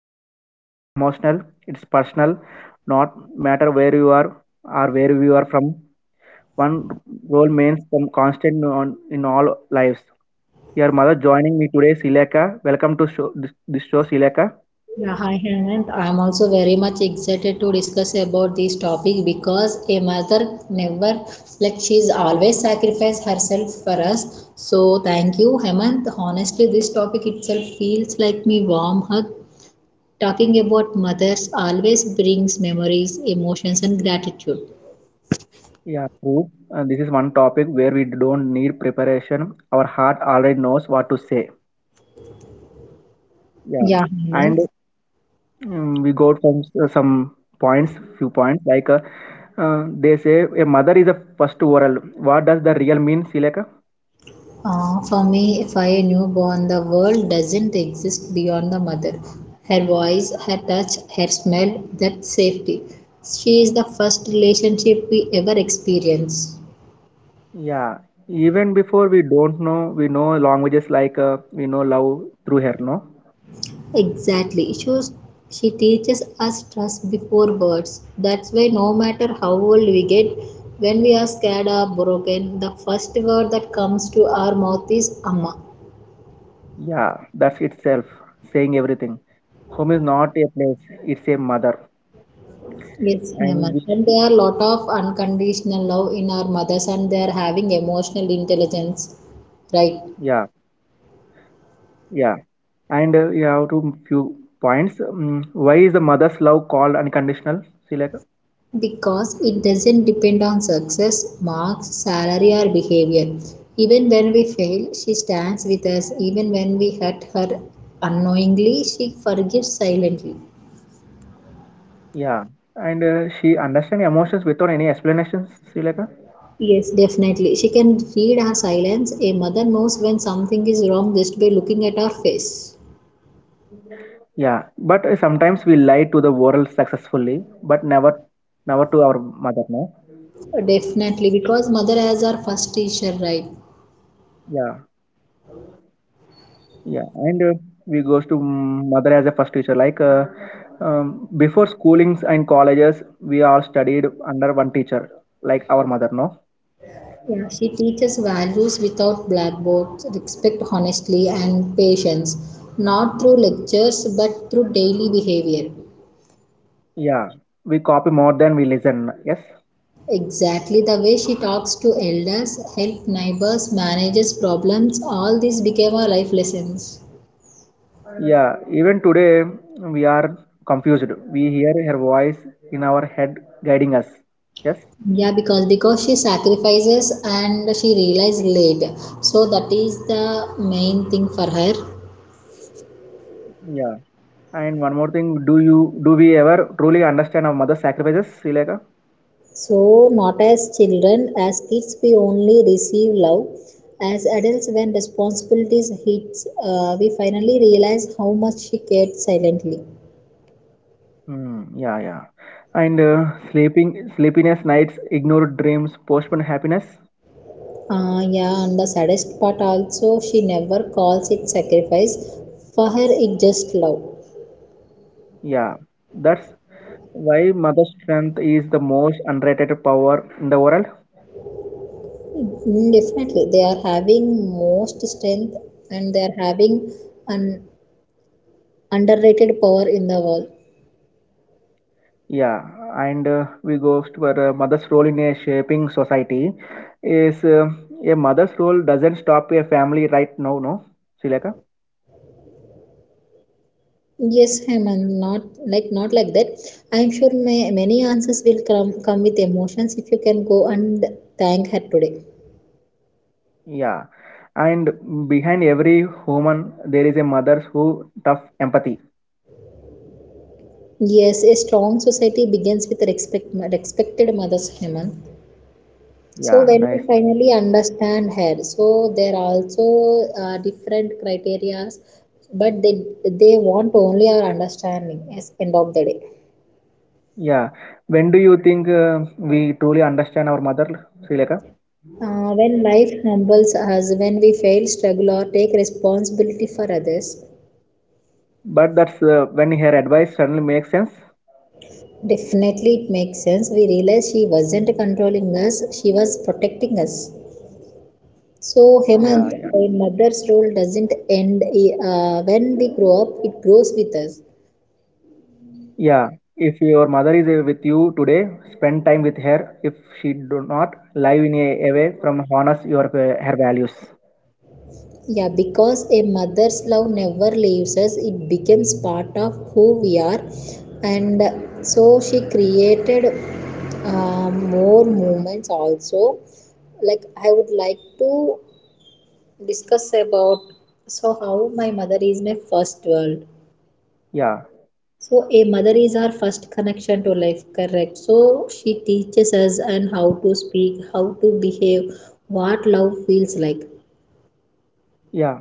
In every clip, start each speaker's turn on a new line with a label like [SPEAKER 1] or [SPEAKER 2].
[SPEAKER 1] topic is not just emotional, it's personal. Not matter where you are or where you are from, one role means some constant on, in all lives. Your mother joining me today, Sileka. Welcome to show, this show, Sileka.
[SPEAKER 2] Yeah, hi Hemant. I'm also very much excited to discuss about this topic because a mother never like she's always sacrificed herself for us. So thank you, Hemant. Honestly, this topic itself feels like me warm hug. Talking about mothers always brings memories, emotions, and gratitude.
[SPEAKER 1] Yeah, true. This is one topic where we don't need preparation. Our heart already knows what to say. Yeah,
[SPEAKER 2] Yeah,
[SPEAKER 1] and
[SPEAKER 2] Hemant.
[SPEAKER 1] we go from some points, few points like they say a mother is a first oral. What does the real mean, Sileka?
[SPEAKER 2] For me, if I knew born, the world doesn't exist beyond the mother. Her voice, her touch, her smell, that safety. She is the first relationship we ever experience.
[SPEAKER 1] Yeah, even before we don't know, we know languages like we know love through her, no?
[SPEAKER 2] Exactly. She teaches us trust before words. That's why no matter how old we get, when we are scared or broken, the first word that comes to our mouth is Amma.
[SPEAKER 1] Yeah, that's itself saying everything. Home is not a place, it's a mother.
[SPEAKER 2] Yes,
[SPEAKER 1] And
[SPEAKER 2] Hemant.
[SPEAKER 1] we,
[SPEAKER 2] And there are a lot of unconditional love in our mothers, and they are having emotional intelligence, right?
[SPEAKER 1] yeah, yeah. And we have to few points. Why is the mother's love called unconditional, Sileka?
[SPEAKER 2] Because it doesn't depend on success, marks, salary, or behavior. Even when we fail, she stands with us. Even when we hurt her unknowingly, she forgives silently.
[SPEAKER 1] Yeah, and she understands emotions without any explanations, Sileka?
[SPEAKER 2] Yes, definitely. She can read our silence. A mother knows when something is wrong just by looking at our face.
[SPEAKER 1] Yeah, but sometimes we lie to the world successfully, but never, never to our mother. No.
[SPEAKER 2] Definitely, because mother as our first teacher, right?
[SPEAKER 1] Yeah, yeah, and we goes to mother as a first teacher. Like before schoolings and colleges, we all studied under one teacher, like our mother. No.
[SPEAKER 2] Yeah, she teaches values without blackboards, respect, honestly, and patience, not through lectures but through daily behavior.
[SPEAKER 1] Yeah, we copy more than we listen. Yes.
[SPEAKER 2] Exactly the way she talks to elders, helps neighbors, manages problems, all these became her life lessons.
[SPEAKER 1] Yeah, even today we are confused. We hear her voice in our head guiding us. Yes.
[SPEAKER 2] Yeah, because she sacrifices and she realized late. So that is the main thing for her.
[SPEAKER 1] Yeah. And one more thing, do you do we ever truly understand our mother's sacrifices, Srileka?
[SPEAKER 2] So, not as children, as kids we only receive love. As adults, when responsibilities hits, we finally realize how much she cared silently.
[SPEAKER 1] Hmm, yeah, yeah. And sleeping, sleepiness nights, ignored dreams, postponed happiness.
[SPEAKER 2] Yeah, and the saddest part also, she never calls it sacrifice. For her, it just love.
[SPEAKER 1] Yeah, that's why mother's strength is the most underrated power in the world.
[SPEAKER 2] Definitely, they are having most strength and they are having an underrated power in the world.
[SPEAKER 1] Yeah, and we go for mother's role in a shaping society. Is a mother's role doesn't stop a family right now, no, Srileka?
[SPEAKER 2] Yes, Hemant, not like that. I'm sure many answers will come with emotions if you can go and thank her today.
[SPEAKER 1] Yeah. And behind every human, there is a mother who tough empathy.
[SPEAKER 2] Yes, a strong society begins with respected mothers, Hemant. So
[SPEAKER 1] Yeah,
[SPEAKER 2] when we
[SPEAKER 1] nice.
[SPEAKER 2] finally understand her, so there are also different criterias, but they want only our understanding. Yes, end of the day.
[SPEAKER 1] Yeah. When do you think we truly understand our mother, Sri Lanka?
[SPEAKER 2] When life humbles us, when we fail, struggle, or take responsibility for others,
[SPEAKER 1] But that's when her advice suddenly makes sense.
[SPEAKER 2] definitely, it makes sense. We realized she wasn't controlling us, she was protecting us. So, Hemant,
[SPEAKER 1] Yeah, yeah.
[SPEAKER 2] a mother's role doesn't end when we grow up, it grows with us.
[SPEAKER 1] Yeah. If your mother is with you today, spend time with her. If she do not, live in a way from honors your her values.
[SPEAKER 2] Yeah, because a mother's love never leaves us, it becomes part of who we are. And so, she created more movements also. Like, I would like to discuss about so how my mother is my first world.
[SPEAKER 1] Yeah,
[SPEAKER 2] So a mother is our first connection to life, correct? So she teaches us and how to speak, how to behave, what love feels like.
[SPEAKER 1] yeah.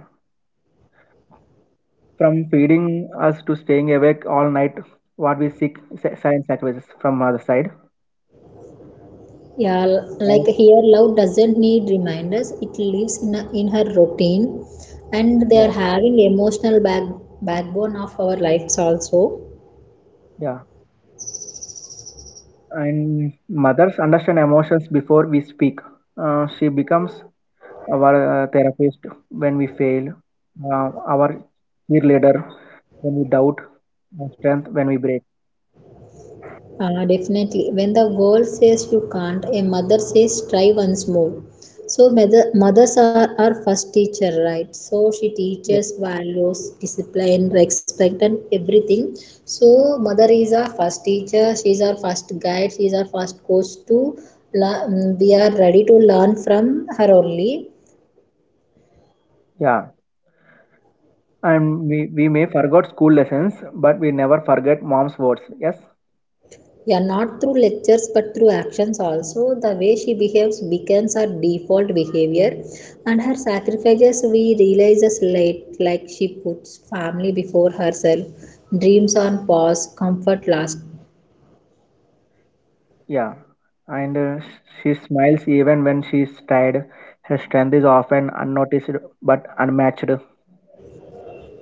[SPEAKER 1] From feeding us to staying awake all night, what we seek science sacrifices from mother side.
[SPEAKER 2] Yeah,
[SPEAKER 1] And
[SPEAKER 2] like here love doesn't need reminders. It lives in a, in her routine, and they are
[SPEAKER 1] yeah,
[SPEAKER 2] having emotional backbone of our lives also.
[SPEAKER 1] yeah. And mothers understand emotions before we speak. She becomes our therapist when we fail, our cheerleader when we doubt, and strength when we break.
[SPEAKER 2] Definitely. When the world says you can't, a mother says try once more. So mothers are our first teacher, right? So she
[SPEAKER 1] Yeah.
[SPEAKER 2] teaches values, discipline, respect, and everything. So mother is our first teacher. She is our first guide. She is our first coach to learn. We are ready to learn from her only.
[SPEAKER 1] Yeah. And we may forget school lessons, but we never forget mom's words. Yes.
[SPEAKER 2] Yeah, not through lectures but through actions also. The way she behaves becomes her default behavior, and her sacrifices we realizes late, like she puts family before herself, dreams on pause, comfort last.
[SPEAKER 1] Yeah, and she smiles even when she's tired. Her strength is often unnoticed but unmatched.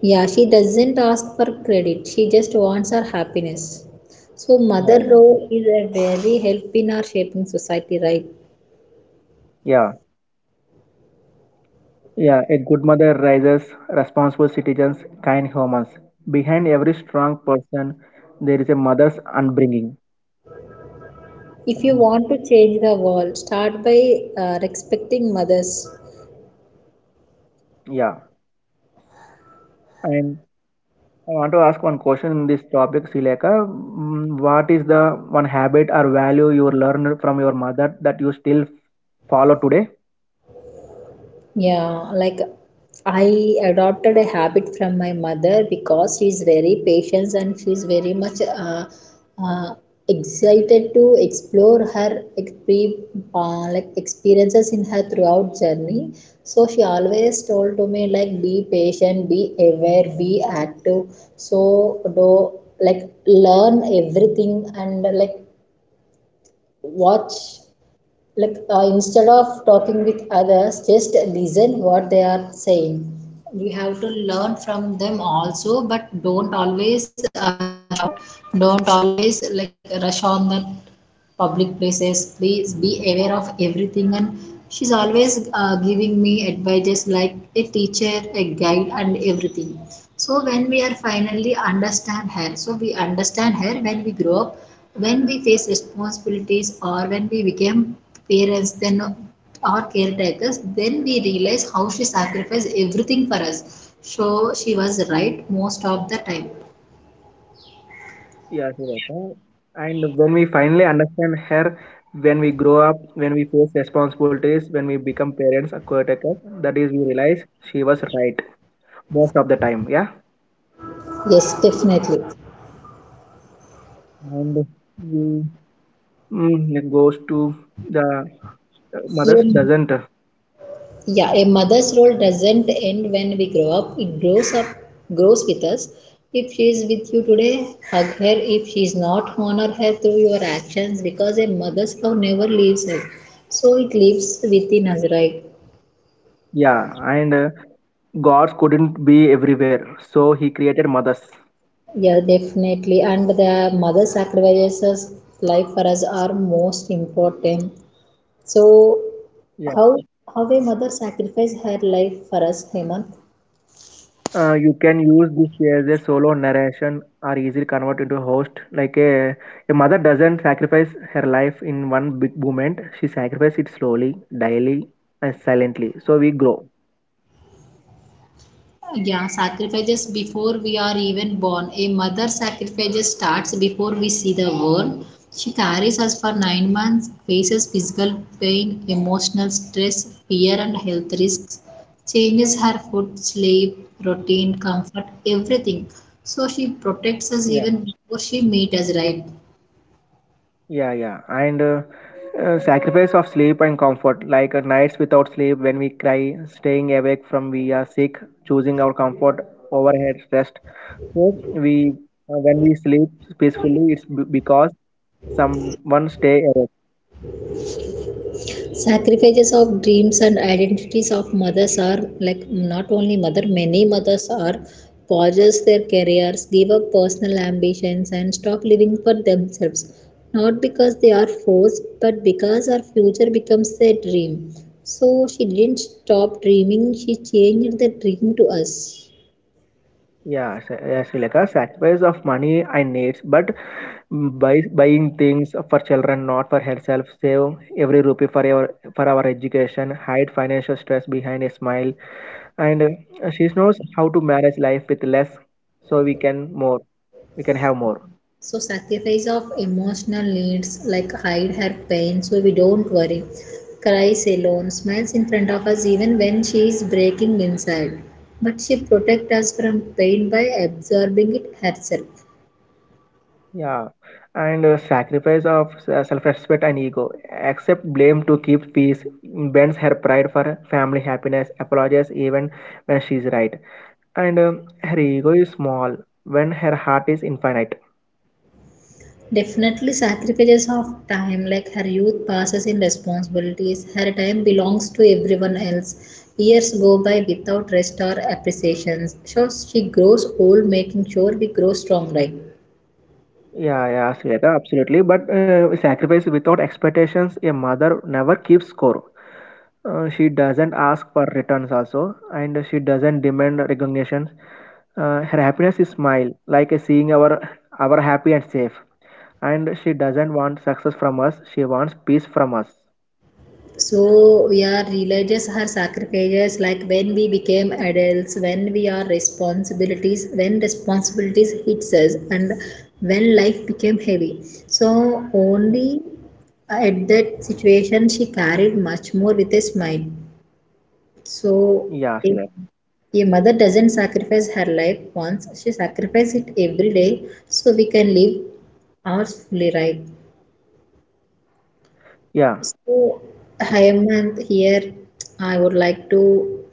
[SPEAKER 2] Yeah, she doesn't ask for credit, she just wants her happiness. So, mother
[SPEAKER 1] Yeah, yeah, abs-
[SPEAKER 2] role is a very help in our shaping society, right?
[SPEAKER 1] Yeah, yeah, a good mother raises responsible citizens, kind humans. Behind every strong person, there is a mother's upbringing.
[SPEAKER 2] If you
[SPEAKER 1] Absolutely.
[SPEAKER 2] want to change the world, start by respecting mothers.
[SPEAKER 1] Yeah, and I want to ask one question in this topic, Sileka. What is the one habit or value you learned from your mother that you still follow today?
[SPEAKER 2] Yeah, like I adopted a habit from my mother because she's very patient and she's very much uh, excited to explore her like experiences in her throughout journey. So she always told to me like be patient, be aware, be active. So do like learn everything and like watch like instead of talking with others just listen what they are saying we have to learn from them also but don't always shout, don't always like rush on them, public places please be aware of everything, and she's always giving me advices like a teacher, a guide and everything. So when we are finally understand her, so we understand her when we grow up, when we face responsibilities or when we became parents then or caretakers, then we realize how she sacrificed everything for us. So she was right most of the time.
[SPEAKER 1] Yeah, Shweta. And when we finally understand her, when we grow up, when we face responsibilities, when we become parents, or caretakers, that is, we realize she was right most of the time. Yeah,
[SPEAKER 2] Yes, definitely.
[SPEAKER 1] and we it goes to the mothers
[SPEAKER 2] Yeah.
[SPEAKER 1] doesn't.
[SPEAKER 2] Yeah, a mother's role doesn't end when we grow up. Grows with us. If she is with you today, hug her. If she is not, honor her through your actions because a mother's love never leaves us. So it lives within us, right?
[SPEAKER 1] Yeah, and gods couldn't be everywhere, so he created mothers.
[SPEAKER 2] Yeah, definitely. And the mother sacrifices life for us are most important. So how how a mother sacrifices her life for us, Hemant?
[SPEAKER 1] You can use this as a solo narration or easily convert into a host. Like a mother doesn't sacrifice her life in one big moment, she sacrifices it slowly, daily, and silently. So we grow.
[SPEAKER 2] Yeah, sacrifices before we are even born. A mother sacrifices starts before we see the world. She carries us for 9 months, faces physical pain, emotional stress, fear, and health risks, changes her food, sleep, routine, comfort, everything. So she protects us
[SPEAKER 1] Yeah,
[SPEAKER 2] even before she meets us, right?
[SPEAKER 1] yeah, yeah. And sacrifice of sleep and comfort, like nights without sleep when we cry, staying awake from we are sick, choosing our comfort overhead rest. So we when we sleep peacefully, it's because someone stay awake.
[SPEAKER 2] Sacrifices of dreams and identities of mothers are like not only mother, many mothers are pauses their careers, give up personal ambitions and stop living for themselves, not because they are forced but because our future becomes their dream. So she didn't stop dreaming, she changed the dream to us.
[SPEAKER 1] Yeah, sa- like a sacrifice of money and needs, but by buying things for children, not for herself. Save every rupee for our education. Hide financial stress behind a smile, and she knows how to manage life with less, so we can more. We can have more.
[SPEAKER 2] So sacrifice of emotional needs like hide her pain so we don't worry. Cries alone, smiles in front of us even when she is breaking inside. But she protects us from pain by absorbing it herself.
[SPEAKER 1] Yeah, and sacrifice of self-respect and ego. Accept blame to keep peace. Bends her pride for family happiness. Apologizes even when she's right. And her ego is small when her heart is infinite.
[SPEAKER 2] Definitely sacrifices of time like her youth passes in responsibilities. Her time belongs to everyone else. Years go by without rest or appreciations. So she grows old making sure we grow strong right.
[SPEAKER 1] Yeah, yeah, Sweta, absolutely. But sacrifice without expectations, a mother never keeps score. She doesn't ask for returns also, and she doesn't demand recognition. Her happiness is smile, like seeing our happy and safe. And she doesn't want success from us. She wants peace from us.
[SPEAKER 2] So yeah, religious her sacrifices like when we became adults, when we are responsibilities, when responsibilities hits us and when life became heavy. So only at that situation she carried much more with a smile. So
[SPEAKER 1] Yeah,
[SPEAKER 2] a,
[SPEAKER 1] Sweta.
[SPEAKER 2] a mother doesn't sacrifice her life once, she sacrifices it every day so we can live ours fully right.
[SPEAKER 1] Yeah.
[SPEAKER 2] So, Hemant, here I would like to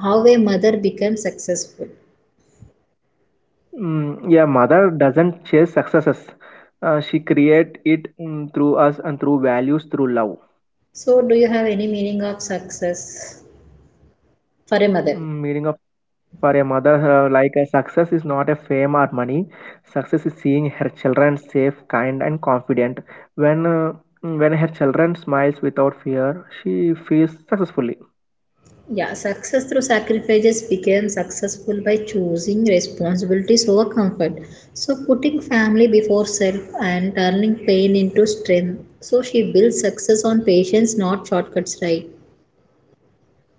[SPEAKER 2] how a mother becomes successful.
[SPEAKER 1] Mm, yeah, mother doesn't chase successes. She create it through us and through values, through love.
[SPEAKER 2] So do you have any meaning of success for a mother?
[SPEAKER 1] Mm, meaning of for a mother, like a success is not a fame or money. Success is seeing her children safe, kind, and confident. When when her children smiles without fear, she feels successfully.
[SPEAKER 2] Yeah, success through sacrifices became successful by choosing responsibilities over comfort, so putting family before self and turning pain into strength, so she builds success on patience not shortcuts, right?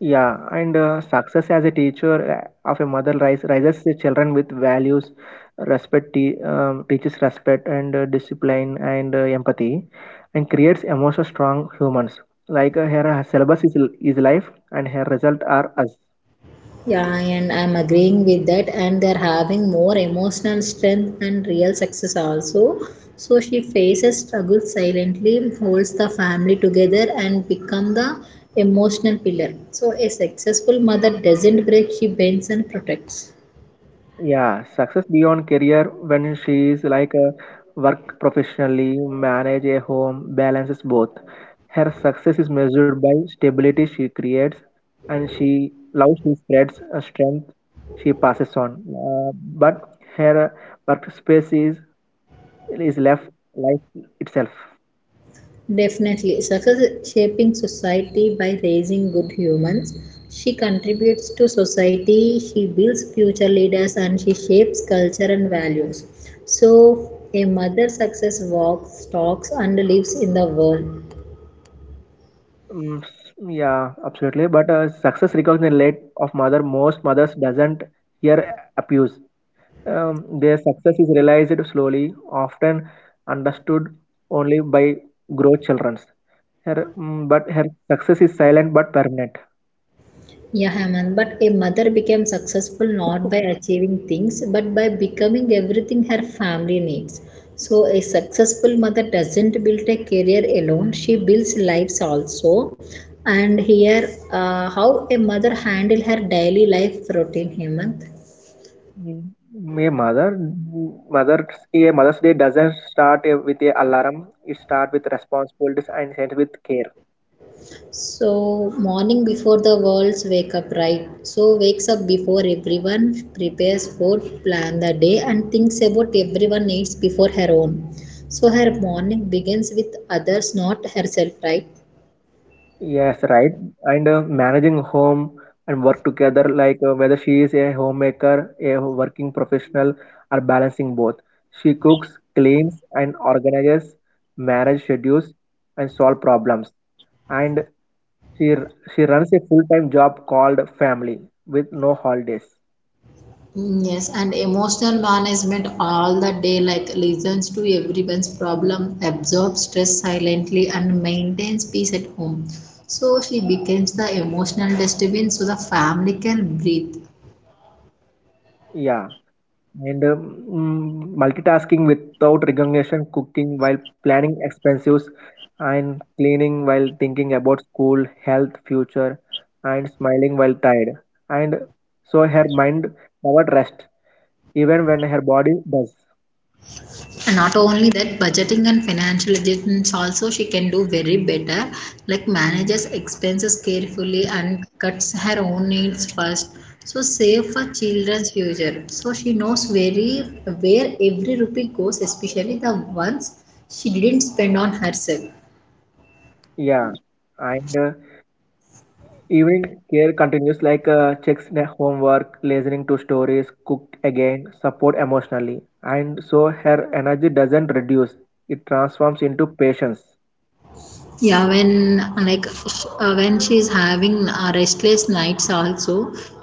[SPEAKER 1] Yeah, and success as a teacher of a mother rises the children with values, respect, teaches respect and discipline and empathy, and creates emotional strong humans. Like her syllabus is life, and her result are us.
[SPEAKER 2] Yeah, and I'm agreeing with that. And they're having more emotional strength and real success also. So she faces struggle silently, holds the family together, and become the emotional pillar. So a successful mother doesn't break; she bends and protects.
[SPEAKER 1] Yeah, success beyond career when she is like a work professionally, manage a home, balances both. Her success is measured by stability she creates and she love she spreads a strength she passes on. But her workspace is left life itself.
[SPEAKER 2] Definitely, success is shaping society by raising good humans. She contributes to society, she builds future leaders, and she shapes culture and values. So, a mother success walks, talks, and lives in the world.
[SPEAKER 1] Mm, s- yeah, absolutely. But success recognized late of mother, most mothers doesn't hear abuse. Their success is realized slowly, often understood only by grown children. Her, mm, but her success is silent but permanent.
[SPEAKER 2] Yeah, Hemant, but a mother became successful not by achieving things but by becoming everything her family needs. So, a successful mother doesn't build a career alone, she builds lives also. And here, how a mother handle her daily life routine, Hemant.
[SPEAKER 1] Mm, A mother, mother, a mother's day doesn't start with a alarm. It starts with responsibilities and ends with care.
[SPEAKER 2] So, morning before the world's wake up, right? So, wakes up before everyone, prepares food, plan the day, and thinks about everyone needs before her own. So, her morning begins with others, not herself, right?
[SPEAKER 1] Yes, right. And managing home and work together, like whether she is a homemaker, a working professional, or balancing both. She cooks, cleans, and organizes marriage schedules and solve problems. And she she runs a full-time job called family with no holidays.
[SPEAKER 2] Yes, and emotional management all the day, like listens to everyone's problem, absorbs stress silently, and maintains peace at home. So she becomes the emotional dustbin so the family can breathe.
[SPEAKER 1] Yeah. And multitasking without recognition, cooking while planning expenses, and cleaning while thinking about school, health, future, and smiling while tired. And so her mind never rests, even when her body does.
[SPEAKER 2] And not only that, budgeting and financial adjustments also she can do very better, like manages expenses carefully and cuts her own needs first, so save for children's future, so she knows very where every rupee goes, especially the ones she didn't spend on herself.
[SPEAKER 1] Yeah. And evening care continues like checks the homework, listening to stories, cook again, support emotionally. And so her energy doesn't reduce, it transforms into patience.
[SPEAKER 2] Yeah, when like when she's having restless nights also,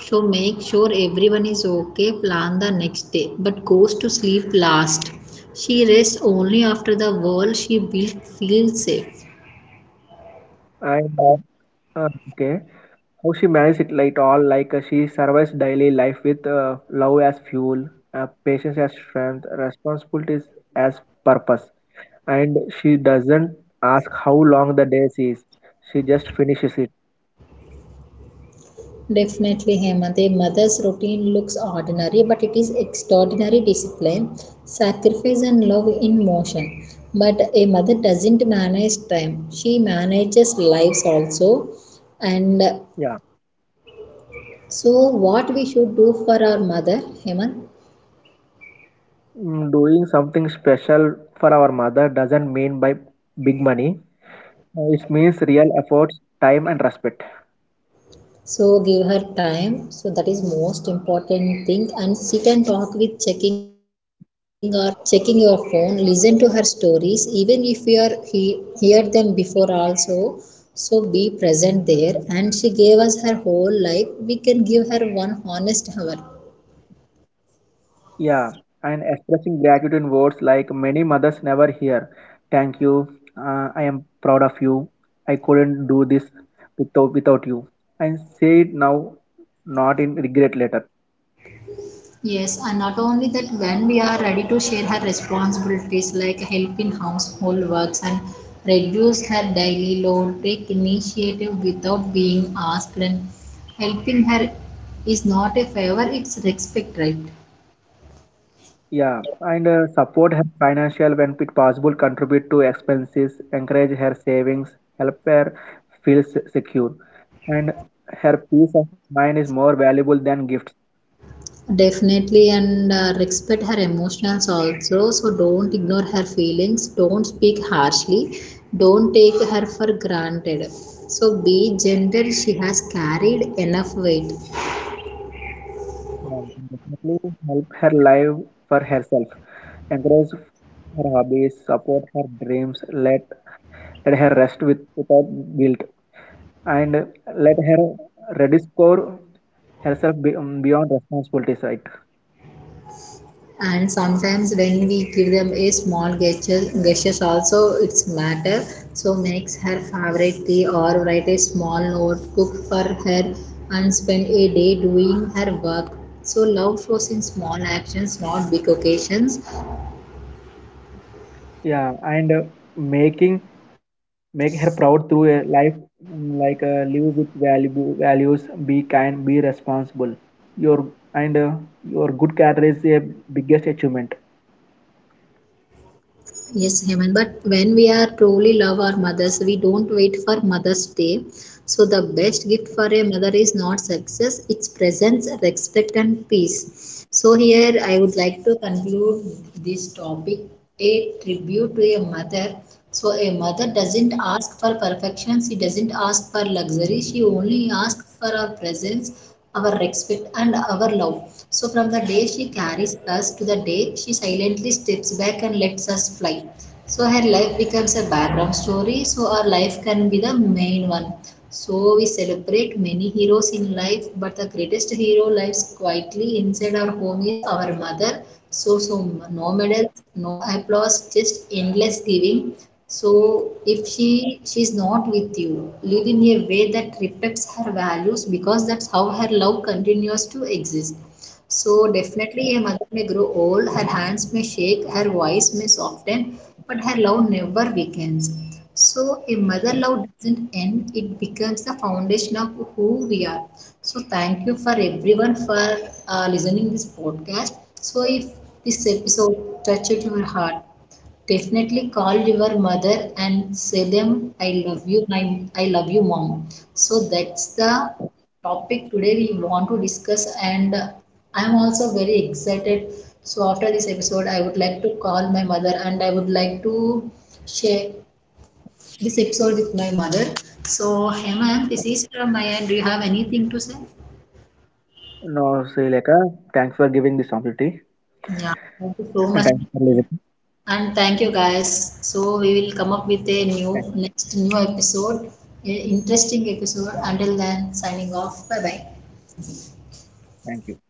[SPEAKER 2] so make sure everyone is okay, plan the next day but goes to sleep last. She rests only after the world she built feels safe.
[SPEAKER 1] And Okay. How she manages it like all like she survives daily life with love as fuel, patience as strength, responsibilities as purpose. And she doesn't ask how long the day is. She just finishes it.
[SPEAKER 2] Definitely, Hemant. A mother's routine looks ordinary, but it is extraordinary discipline, sacrifice, and love in motion. But a mother doesn't manage time, she manages lives also. And
[SPEAKER 1] Yeah.
[SPEAKER 2] so, what we should do for our mother, Hemant?
[SPEAKER 1] Mm, doing something special for our mother doesn't mean by big money. It means real efforts, time and respect.
[SPEAKER 2] So, give her time. So, that is most important thing. And sit and talk with checking your phone. Listen to her stories, even if you are he hear them before also. So, be present there. And she gave us her whole life. We can give her one honest hour.
[SPEAKER 1] Yeah, and expressing gratitude in words like many mothers never hear. Thank you. I am proud of you. I couldn't do this without you. And say it now, not in regret later.
[SPEAKER 2] Yes, and not only that, when we are ready to share her responsibilities like help in household works and reduce her daily load, take initiative without being asked, and helping her is not a favor, it's respect, right?
[SPEAKER 1] Yeah, and support her financial when it possible. Contribute to expenses. Encourage her savings. Help her feel secure. And her peace of mind is more valuable than gifts.
[SPEAKER 2] Definitely, and respect her emotions also. So, don't ignore her feelings, don't speak harshly, don't take her for granted. So, be gentle, she has carried enough weight.
[SPEAKER 1] Yeah, definitely help her live for herself. Encourage her hobbies, support her dreams, let, let her rest without guilt, and let her rediscover herself beyond responsibilities, right?
[SPEAKER 2] And sometimes when we give them a small gestures also, it's matter. So makes her favorite tea or write a small note, cook for her and spend a day doing her work. So love flows in small actions, not big occasions.
[SPEAKER 1] Yeah, and making make her proud through a life like live with values, be kind, be responsible. Your and your good character is a biggest achievement.
[SPEAKER 2] Yes, Heman, but when we are truly love our mothers we don't wait for mother's day. So the best gift for a mother is not success, it's presence, respect and peace. So here I would like to conclude this topic, a tribute to a mother. So a mother doesn't ask for perfection, she doesn't ask for luxury, she only asks for our presence, our respect and our love. So from the day she carries us to the day she silently steps back and lets us fly, so her life becomes a background story so our life can be the main one. So we celebrate many heroes in life, but the greatest hero lives quietly inside our home is our mother. So no medals, no applause, just endless giving. So if she's not with you, live in a way that reflects her values because that's how her love continues to exist. So definitely a mother may grow old, her hands may shake, her voice may soften, but her love never weakens. So a mother love doesn't end, it becomes the foundation of who we are. So thank you for everyone for listening this podcast. So if this episode touched your heart, definitely call your mother and say them I love you, I love you, mom. So that's the topic today we want to discuss, and I'm also very excited. So after this episode, I would like to call my mother and I would like to share this episode with my mother. So Hemant, this is from my end. Do you have anything to say?
[SPEAKER 1] No, Srileka, thanks for giving this opportunity
[SPEAKER 2] Yeah, thank you so
[SPEAKER 1] and
[SPEAKER 2] much.
[SPEAKER 1] thanks for listening.
[SPEAKER 2] And thank you guys. So we will come up with a
[SPEAKER 1] Thank,
[SPEAKER 2] new episode, a interesting episode. Until then, signing off. Bye bye.
[SPEAKER 1] thank you.